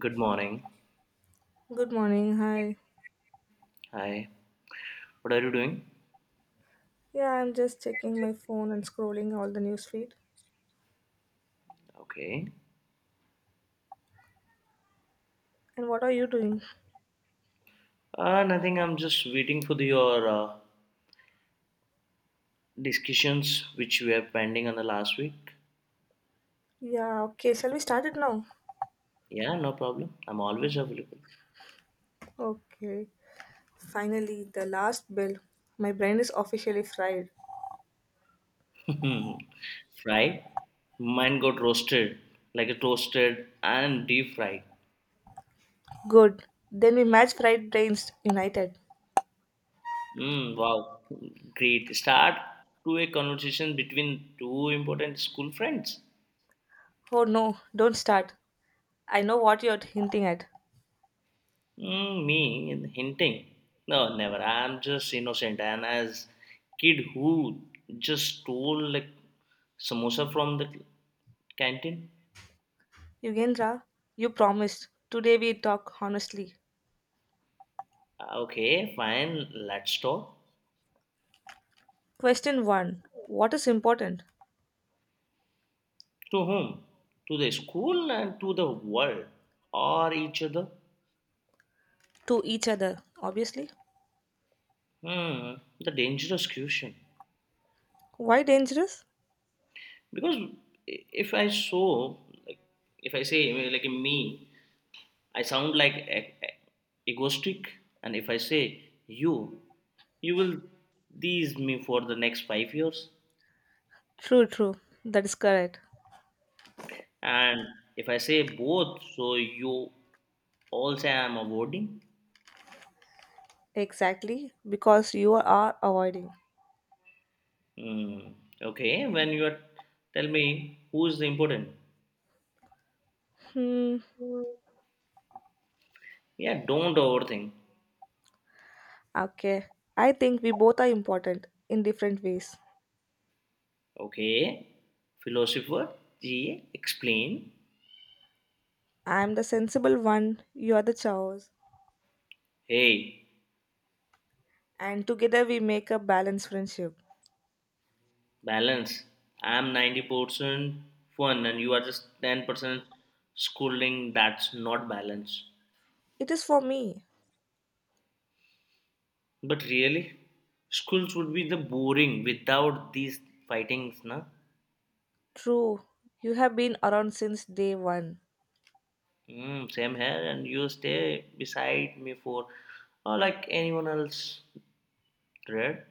Good morning. Good morning. Hi. Hi. What are you doing? Yeah, I'm just checking my phone and scrolling all the news feed. Okay. And what are you doing? Nothing. I'm just waiting for your discussions which we have pending on the last week. Yeah, okay. Shall we start it now? Yeah, no problem. I'm always available. Okay. Finally, the last bell. My brain is officially fried. Fried. Mine got roasted, like a toasted and deep fried. Good. Then we match fried brains united. Wow. Great. Start to a conversation between two important school friends. Oh no, don't start. I know what you're hinting at. Mm, me hinting? No, never. I'm just innocent. And as kid who just stole like samosa from the canteen. Yugendra, you promised. Today we talk honestly. Okay, fine. Let's talk. Question 1. What is important? To whom? To the school and to the world, or each other? To each other, obviously. Hmm, the dangerous question. Why dangerous? Because if I saw, like, if I say like me, I sound like egoistic, and if I say you, you will tease me for the next 5 years. True, true. That is correct. And if I say both, so you also am avoiding. Exactly, because you are avoiding. Hmm. Okay, when you are, tell me who is the important. Hmm. Yeah, don't overthink. Okay. I think we both are important in different ways. Okay, philosopher G, explain. I am the sensible one, you are the chaos, Hey. and together we make a balanced friendship. Balance. I'm 90% fun and you are just 10% schooling. That's not balance. It is for me. But really, schools would be the boring without these fightings, na? True. You have been around since day one Mm, same here, and you stay beside me for or like anyone else read.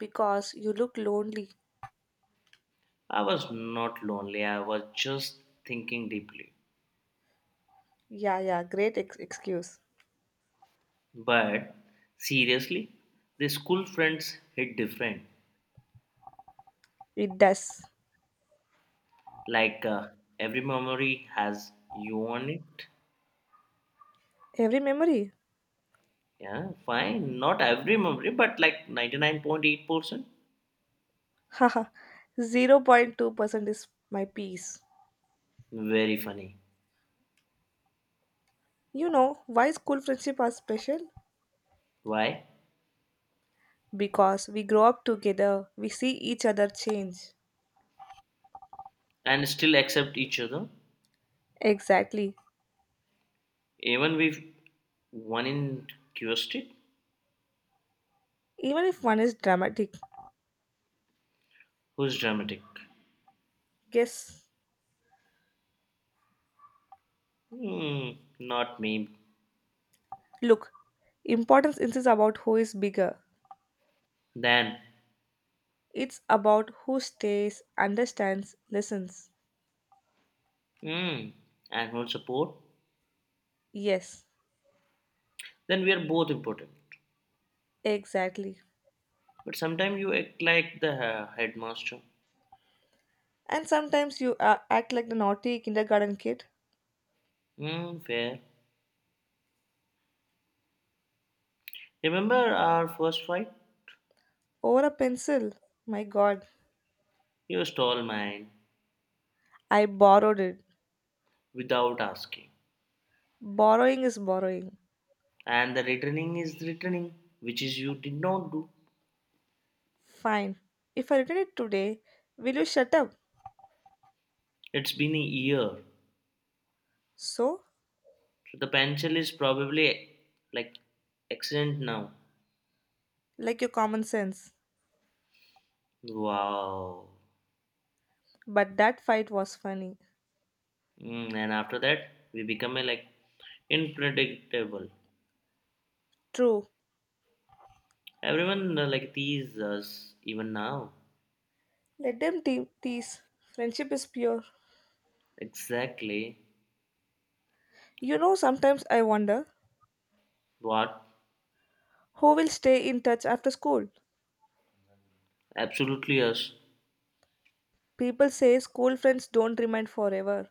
because you look lonely. I was not lonely, I was just thinking deeply. Yeah, yeah, great excuse. But seriously, the school friends hit different. It does. Like every memory has you on it. Every memory. Yeah, fine, not every memory but like 99.8%. Haha. 0.2% is my peace. Very funny. You know why school friendships are special? Why? Because we grow up together, we see each other change. And still accept each other. Exactly. Even with one in curiosity. Even if one is dramatic, Who's dramatic? guess. Hmm, not me. Look, importance isn't about who is bigger, Then. it's about who stays, understands, listens. Hmm. And who support? Yes, Then we are both important. exactly. But sometimes you act like the headmaster. And sometimes you act like the naughty kindergarten kid Hmm, fair. Remember our first fight. over a pencil. My god, You stole mine I borrowed it. without asking. Borrowing is borrowing. And the returning is returning, which is you did not do. Fine. If I return it today, will you shut up? It's been a year. So, So the pencil is probably like accident now. like your common sense. Wow. But that fight was funny. Mm, and after that, we become a like unpredictable. True. Everyone like tease us even now. Let them tease. Friendship is pure. Exactly. You know, sometimes I wonder What? who will stay in touch after school. Absolutely us. People say school friends don't remain forever.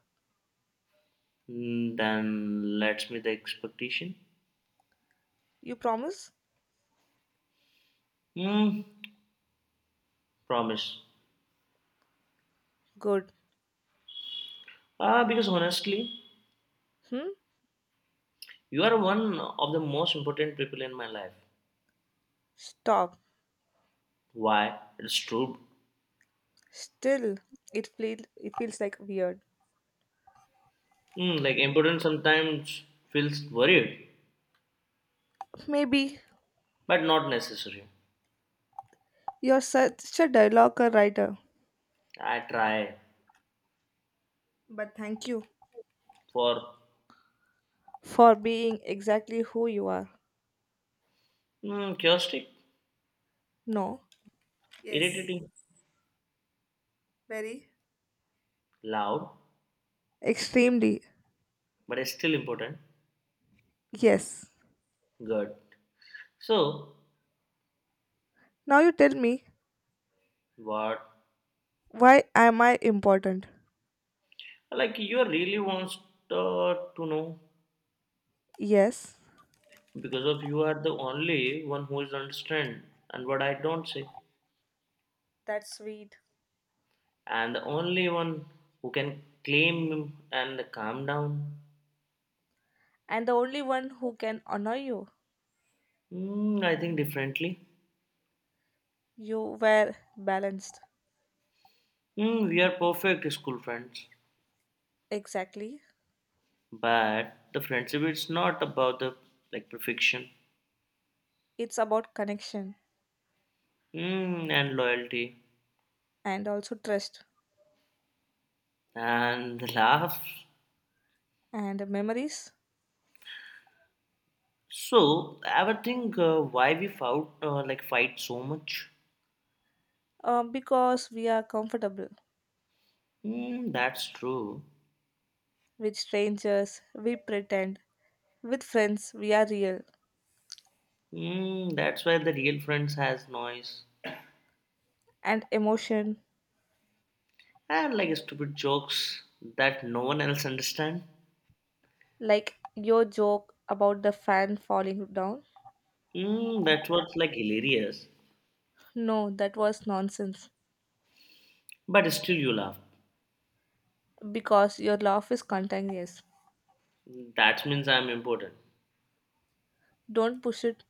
Mm, then let's meet the expectation. You promise? Hmm. Promise. Good. Ah, because honestly, Hmm? you are one of the most important people in my life. Stop. Why? It's true. Still, it feels like weird. Hmm, like important sometimes feels worried, Maybe but not necessary. you're such a dialogue writer. I try. But thank you. For. For being exactly who you are. Hmm, chaotic, No, yes, irritating, very. loud, Extremely. but it's still important. Yes. Good. So. Now you tell me, What? why am I important? Like you really wants to know Yes. because of you are the only one who is understand and what I don't say, That's sweet. and the only one who can claim and calm down. And the only one who can honor you. Mm, I think differently. You were balanced. Mm, we are perfect school friends, Exactly. but the friendship is not about the like perfection. It's about connection Mm, and loyalty, and also trust and the laughs. and memories. So I ever think why we fought like fight so much? Because we are comfortable. Mm, that's true. With strangers, we pretend. With friends, we are real. Mm, that's why the real friends has noise And emotion. and like stupid jokes that no one else understand. Like your joke about the fan falling down? Mm, that's what's like hilarious, No, that was nonsense. but still you laugh. Because your laugh is contagious. That means I'm important. Don't push it.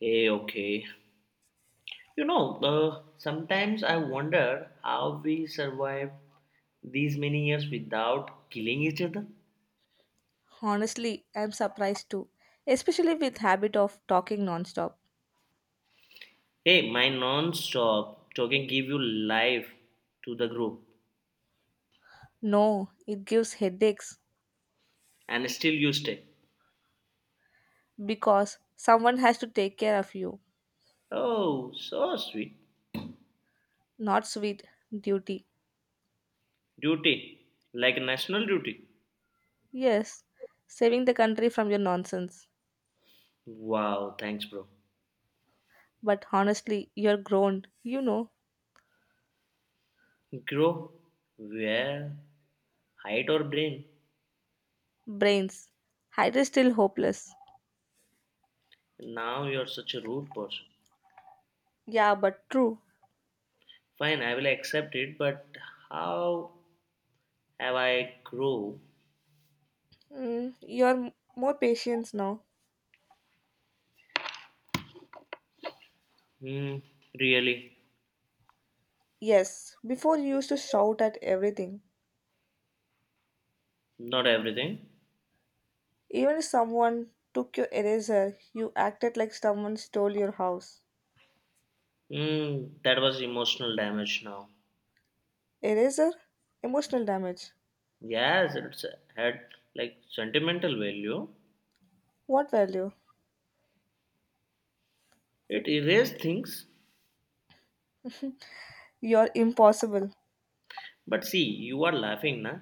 Hey, okay. Sometimes I wonder how we survived these many years without killing each other. Honestly, I'm surprised too. Especially with habit of talking nonstop. Hey, my non-stop talking give you life to the group, No, it gives headaches and still you stay. because someone has to take care of you. Oh, so sweet. Not sweet duty. Duty, like national duty. Yes, saving the country from your nonsense. Wow, thanks, bro. But honestly, you're grown, you know, Grow, where, hide or brain. brains. Hyde is still hopeless. Now you're such a rude person. Yeah, but true. Fine, I will accept it, but how have I grow. You're more patient now. Hmm. Really? Yes, before you used to shout at everything. Not everything. Even if someone took your eraser, you acted like someone stole your house. Hmm. That was emotional damage now. Eraser? Emotional damage. Yes, it's had like sentimental value. What value? It erased things. You're impossible. But see, you are laughing, na?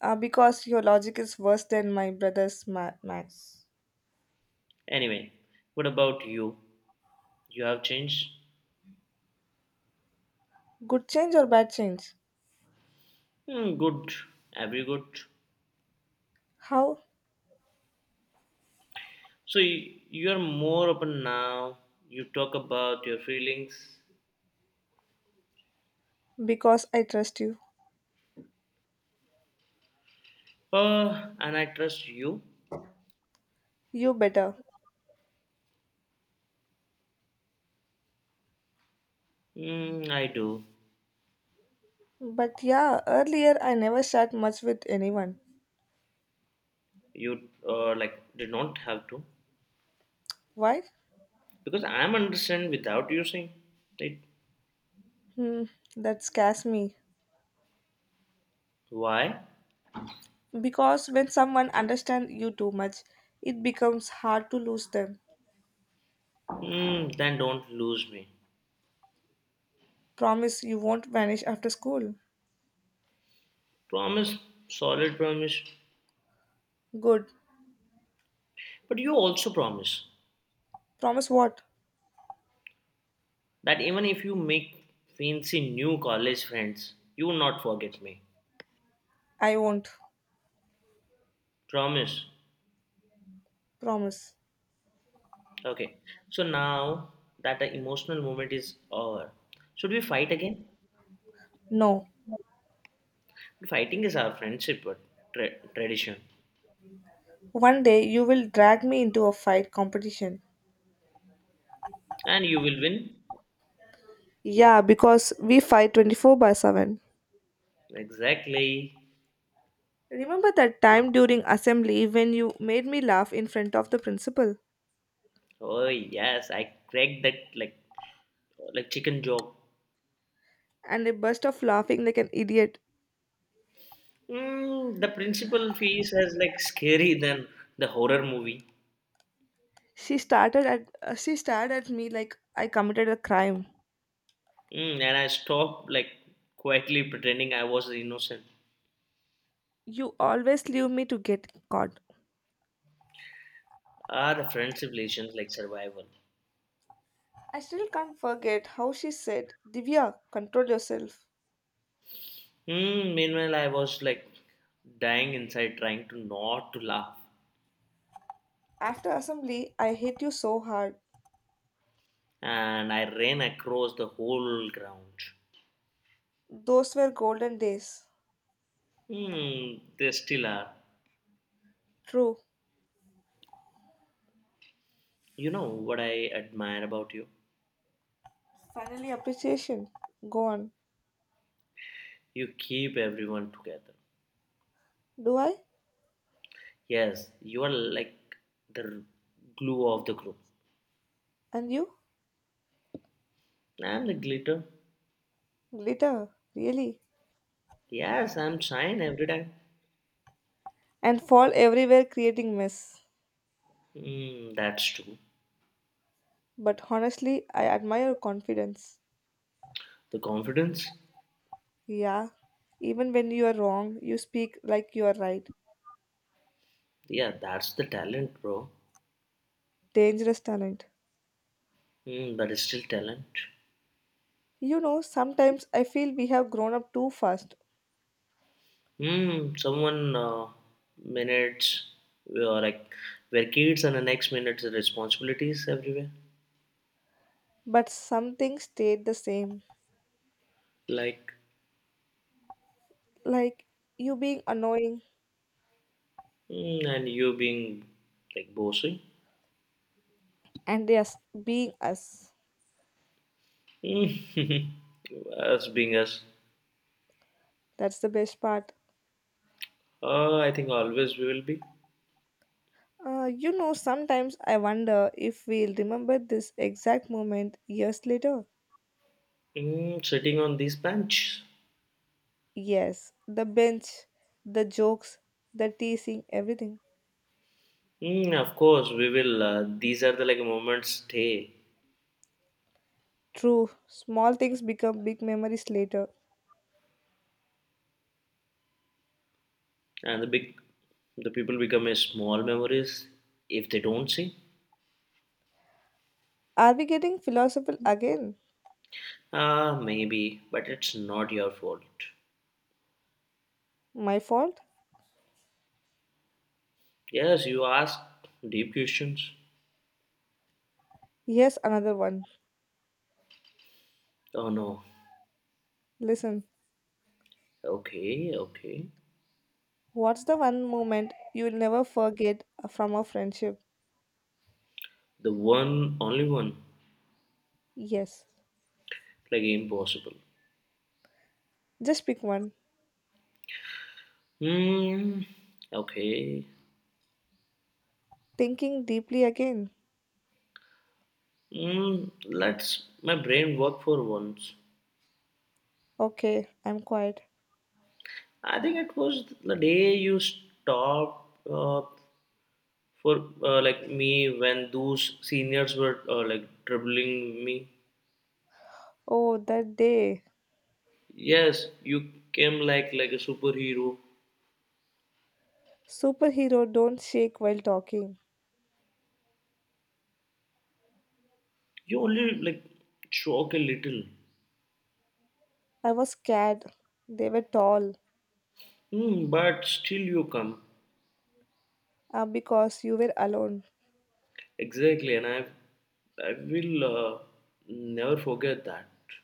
Because your logic is worse than my brother's Max. Anyway, what about you? You have changed? Good change or bad change? Hmm. Good, every good. How? So you are more open now. You talk about your feelings. Because I trust you. And I trust you. You better. Mm, I do. But yeah, earlier I never sat much with anyone. You like did not have to. Why? Because I'm understand without using it. Hmm, that scares me. Why? Because when someone understands you too much, it becomes hard to lose them. Hmm, then don't lose me. Promise you won't vanish after school. Promise, solid promise. Good. But you also promise Promise what? that even if you make fancy new college friends, you will not forget me. I won't. Promise. Promise. Okay. So now that the emotional moment is over, should we fight again? No. Fighting is our friendship but tradition. One day you will drag me into a fight competition. And you will win. Yeah, because we fight 24/7. Exactly. Remember that time during assembly when you made me laugh in front of the principal? Oh yes, I cracked that like chicken joke. And I burst off laughing like an idiot. Mm, the principal fees is like scary than the horror movie. She stared at me like I committed a crime. Mm, and I stopped like quietly pretending I was innocent. You always leave me to get caught. Ah, the friendship relations like survival. I still can't forget how she said, Divya, control yourself. Mm, meanwhile, I was like dying inside, trying to not to laugh, After assembly, I hate you so hard. and I ran across the whole ground. Those were golden days. Hmm, they still are. True. You know what I admire about you? Finally, appreciation. Gone. You keep everyone together. Do I? Yes, you are like the glue of the group. And you? I'm the glitter. Glitter. Really? Yes, I'm shine every day. And fall everywhere, creating mess. Mm, that's true. But honestly, I admire your confidence. The confidence. Yeah. Even when you are wrong, you speak like you are right. Yeah, that's the talent, bro. Dangerous talent. Mm, but it's still talent. You know, sometimes I feel we have grown up too fast, Mm, someone minutes we are like we're kids, and the next minute the responsibilities everywhere. but something stayed the same. Like. Like you being annoying Mm, and you being like bossy. and us being us. Mm, us being us. That's the best part. I think always we will be. You know, sometimes I wonder if we'll remember this exact moment years later. Mm, sitting on this bench. Yes, the bench, the jokes, the teasing, everything. Mm, of course, we will. These are the like moments stay, True, small things become big memories later. and the big, the people become a small memories if they don't see. Are we getting philosophical again? Ah, maybe, but it's not your fault. My fault? Yes, you ask deep questions. Here's another one. Oh no. Listen, Okay, okay. what's the one moment you'll never forget from a friendship? The one, only one, Yes. like impossible. Just pick one. Hmm. Okay. Thinking deeply again. Hmm. Let's my brain work for once. Okay, I'm quiet. I think it was the day you stopped. For like me when those seniors were like troubling me. Oh, that day. Yes, you came like a superhero. Superhero don't shake while talking. You only like shock a little. I was scared. They were tall. Hmm, but still you come. Because you were alone. Exactly, and I will never forget that.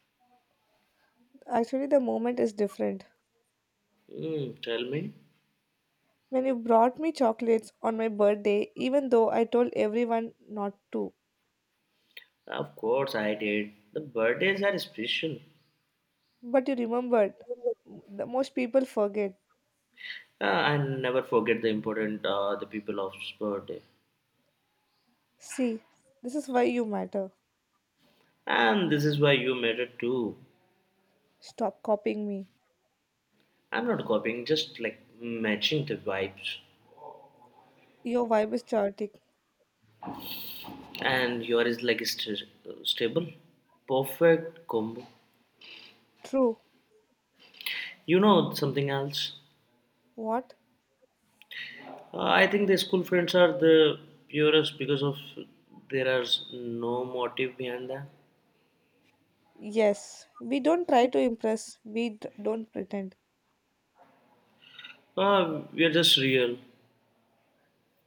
Actually, the moment is different. Hmm, tell me. When you brought me chocolates on my birthday, even though I told everyone not to. Of course I did. The birthdays are special. But you remembered. The most people forget. I never forget the important the people of birthday. See, this is why you matter. And this is why you made it too. Stop copying me. I'm not copying, just like matching the vibes. Your vibe is chaotic. And your is like stable, perfect combo. True. You know something else? What? I think the school friends are the purest because of there is no motive behind that. Yes. We don't try to impress, we don't pretend. We are just real,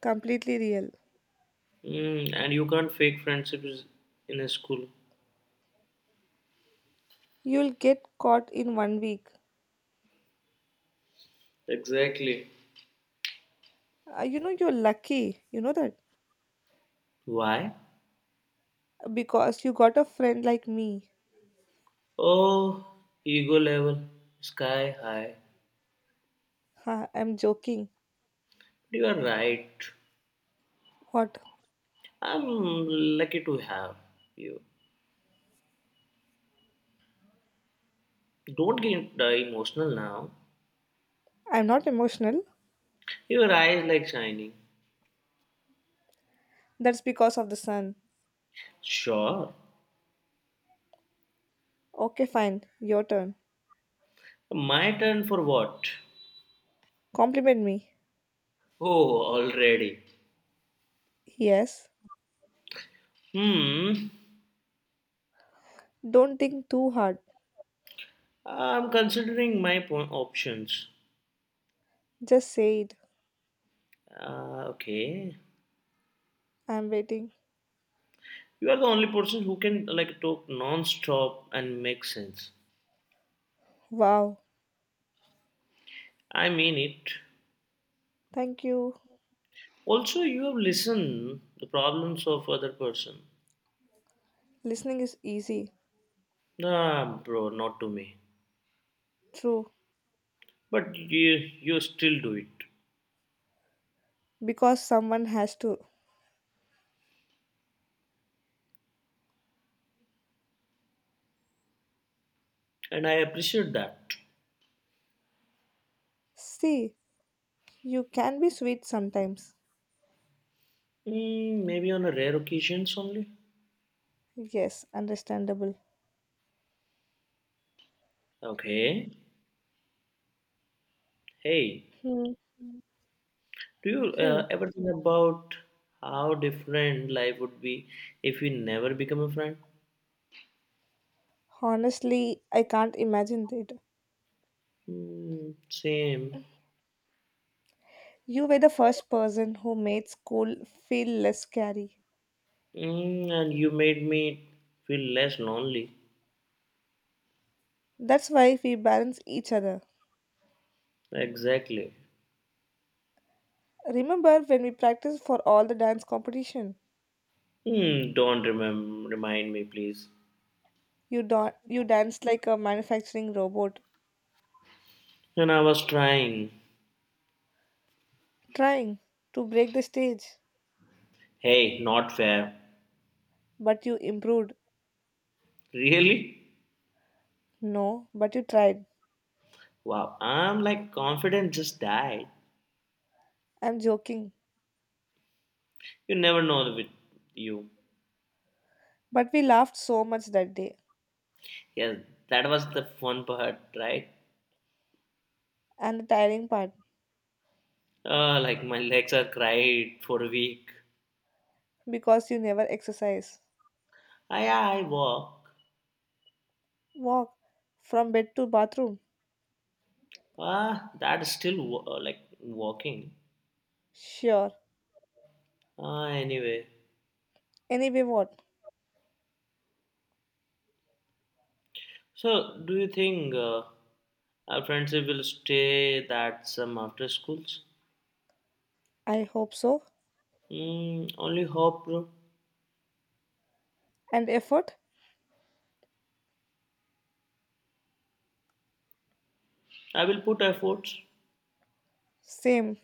Completely real. mm, and you can't fake friendships in a school. You'll get caught in one week. Exactly. You know, you're lucky. You know that? Why? Because you got a friend like me. Oh, ego level, sky high. Ha, I'm joking. You are right. What? I'm lucky to have you. Don't get emotional now. I'm not emotional. Your eyes like shining. That's because of the sun. Sure. Okay, fine. Your turn. My turn for what? Compliment me. Oh, already. Yes. Hmm. Don't think too hard. I'm considering my options. Just say it. Okay. I'm waiting. You are the only person who can like talk non-stop and make sense. Wow. I mean it. Thank you. Also, you have listened the problems of other person. Listening is easy. Ah, bro, not to me. True. But you still do it. Because someone has to. And I appreciate that. See, you can be sweet sometimes. Mm, maybe on a rare occasions only. Yes, understandable. Okay. Hey, Hmm. do you Hmm. Ever think about how different life would be if we never become a friend? Honestly, I can't imagine it. Mm, same. You were the first person who made school feel less scary. Mm, and you made me feel less lonely. That's why we balance each other. Exactly. Remember when we practiced for all the dance competition? Hmm, don't remind me, please. You, you danced like a manufacturing robot, And I was trying. trying to break the stage. Hey, not fair. But you improved. Really? No, but you tried. Wow, I'm like confident just died. I'm joking. You never know with you. But we laughed so much that day. Yes, that was the fun part, right? And the tiring part, Like my legs are cried for a week. because you never exercise. I walk. Walk from bed to bathroom. Ah, that is still like walking. Sure. Ah, anyway. Anyway, what? So, do you think our friendship will stay that some after schools? I hope so. Mm, only hope, bro. And effort? I will put efforts. Same.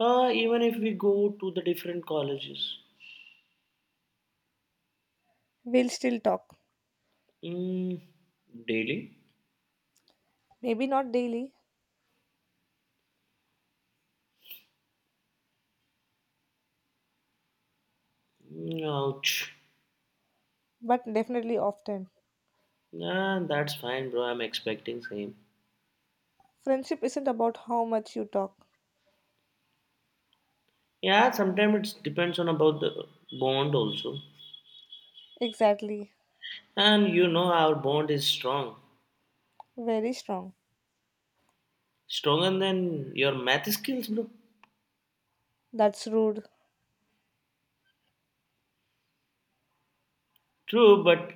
Even if we go to the different colleges. We'll still talk. Mm, daily? Maybe not daily, Mm, ouch. but definitely often. Nah, that's fine, bro. I'm expecting same. Friendship isn't about how much you talk. Yeah, sometimes it depends on about the bond also. Exactly. And you know our bond is strong. Very strong. Stronger than your math skills, bro. That's rude. True, but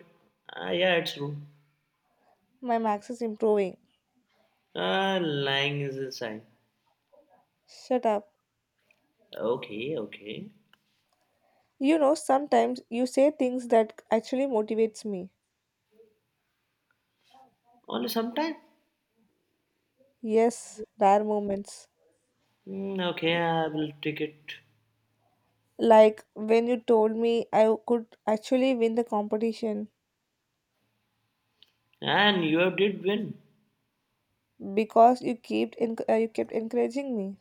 yeah, it's true. My max is improving. Lying is a sign. Shut up. Okay, okay. You know, sometimes you say things that actually motivates me. Only sometime. Yes, rare moments. Mm, okay, I will take it. Like when you told me I could actually win the competition And you did win. because you kept encouraging me.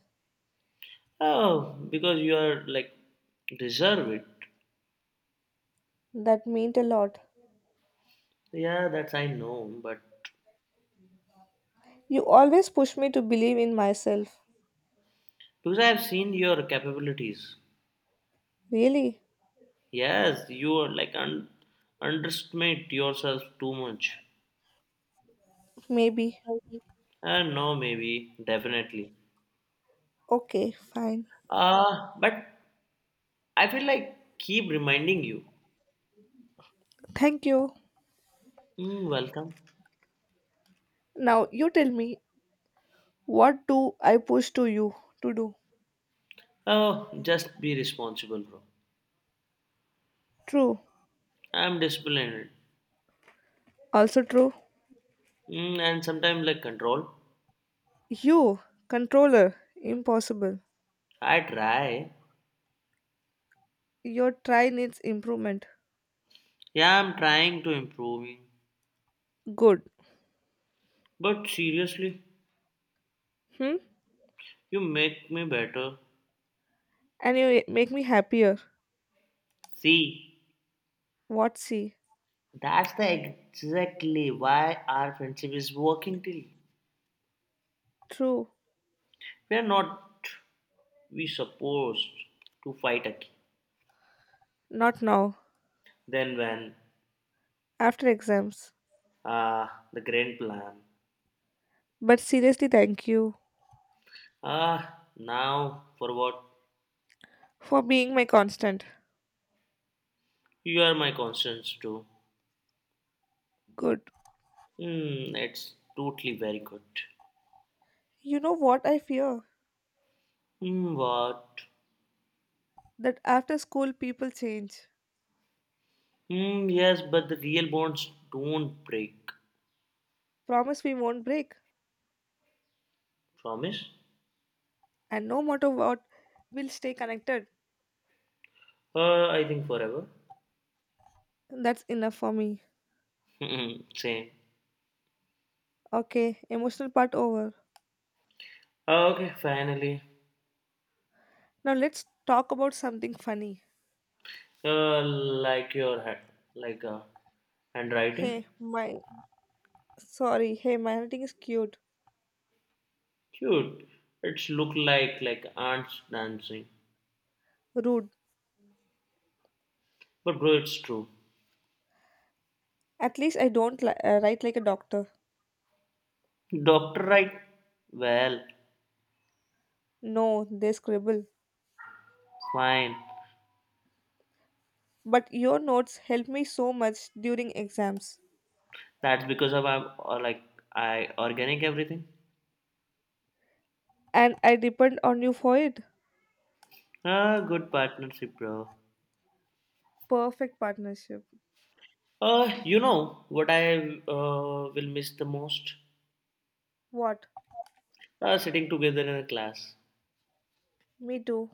Oh, because you are like deserve it. That meant a lot. Yeah, that's I know, but You always push me to believe in myself. because I have seen your capabilities. Really? Yes, you are like underestimate yourself too much. Maybe. No, maybe, definitely. Okay, fine. But I feel like keep reminding you. Thank you. Mm, welcome. Now you tell me what do I push to you to do? Oh, just be responsible, bro. True. I'm disciplined. Also true. Mm, and sometimes like control. You, controller, impossible. I try. Your try needs improvement. Yeah, I'm trying to improving. Good. But seriously, Hmm? you make me better. And you make me happier. See, What see? that's the exactly why our friendship is working till True. we are not we supposed to fight again. Not now. Then when? After exams. Ah, the grand plan. But seriously, thank you Ah, now for what? for being my constant. You are my conscience too. Good. Hmm, it's totally very good. You know what I fear? Hmm, what? That after school people change. Hmm, yes, but the real bonds don't break. Promise we won't break. Promise? And no matter what, we'll stay connected. I think forever. That's enough for me. Hmm, same. Okay, emotional part over. Ah, okay, finally. Now let's talk about something funny. Uh, like your hand, like a handwriting. Hey, my sorry. Hey, my handwriting is cute. Cute. It's look like ants dancing. Rude. But bro, it's true. At least I don't write like a doctor. Doctor, right? Well, No, they scribble. fine. But your notes help me so much during exams. That's because of I'm or like I organic everything. And I depend on you for it. Ah, good partnership, bro. Perfect partnership. You know what I will miss the most? What? Sitting together in a class Me too.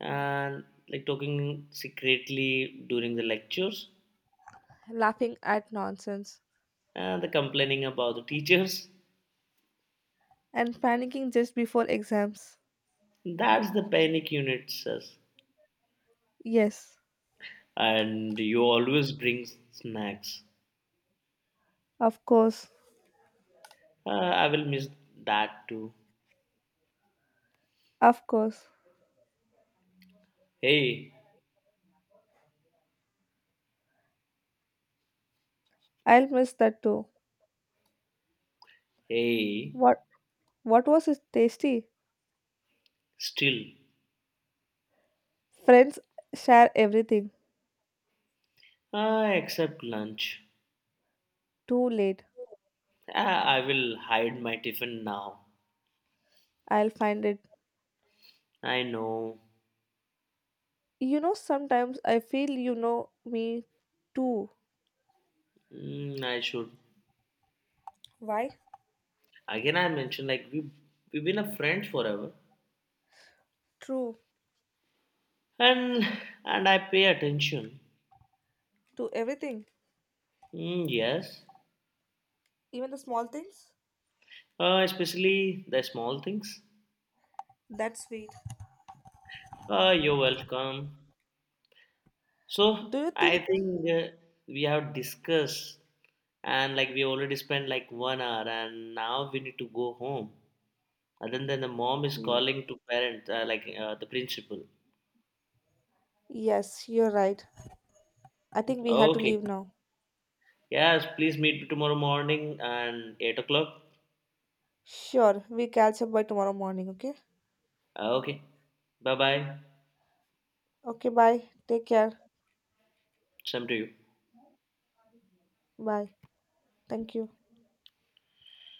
and like talking secretly during the lectures Laughing at nonsense. and the complaining about the teachers. And panicking just before exams. That's the panic unit, says. Yes. And you always bring snacks. Of course. I will miss that too. Of course. Hey, I'll miss that too. hey, What what was it tasty? still. Friends share everything. Ah, except lunch. Too late. Ah, I will hide my tiffin now. I'll find it. I know. You know, sometimes I feel you know me too. Mm, I should. Why? Again, I mentioned like we've been a friend forever, True. and and I pay attention. To everything, Mm, yes. even the small things. Especially the small things. That's sweet. You're welcome. Do So you I think? think we have discussed, and like we already spent like 1 hour, and now we need to go home. And then the mom is Mm, calling to parents like the principal. yes, you're right. I think we have to Okay. leave now. Yes, please meet tomorrow morning and 8 o'clock. Sure, we catch up by tomorrow morning, okay? Okay. Bye bye. Okay, bye. Take care. Same to you. Bye. Thank you.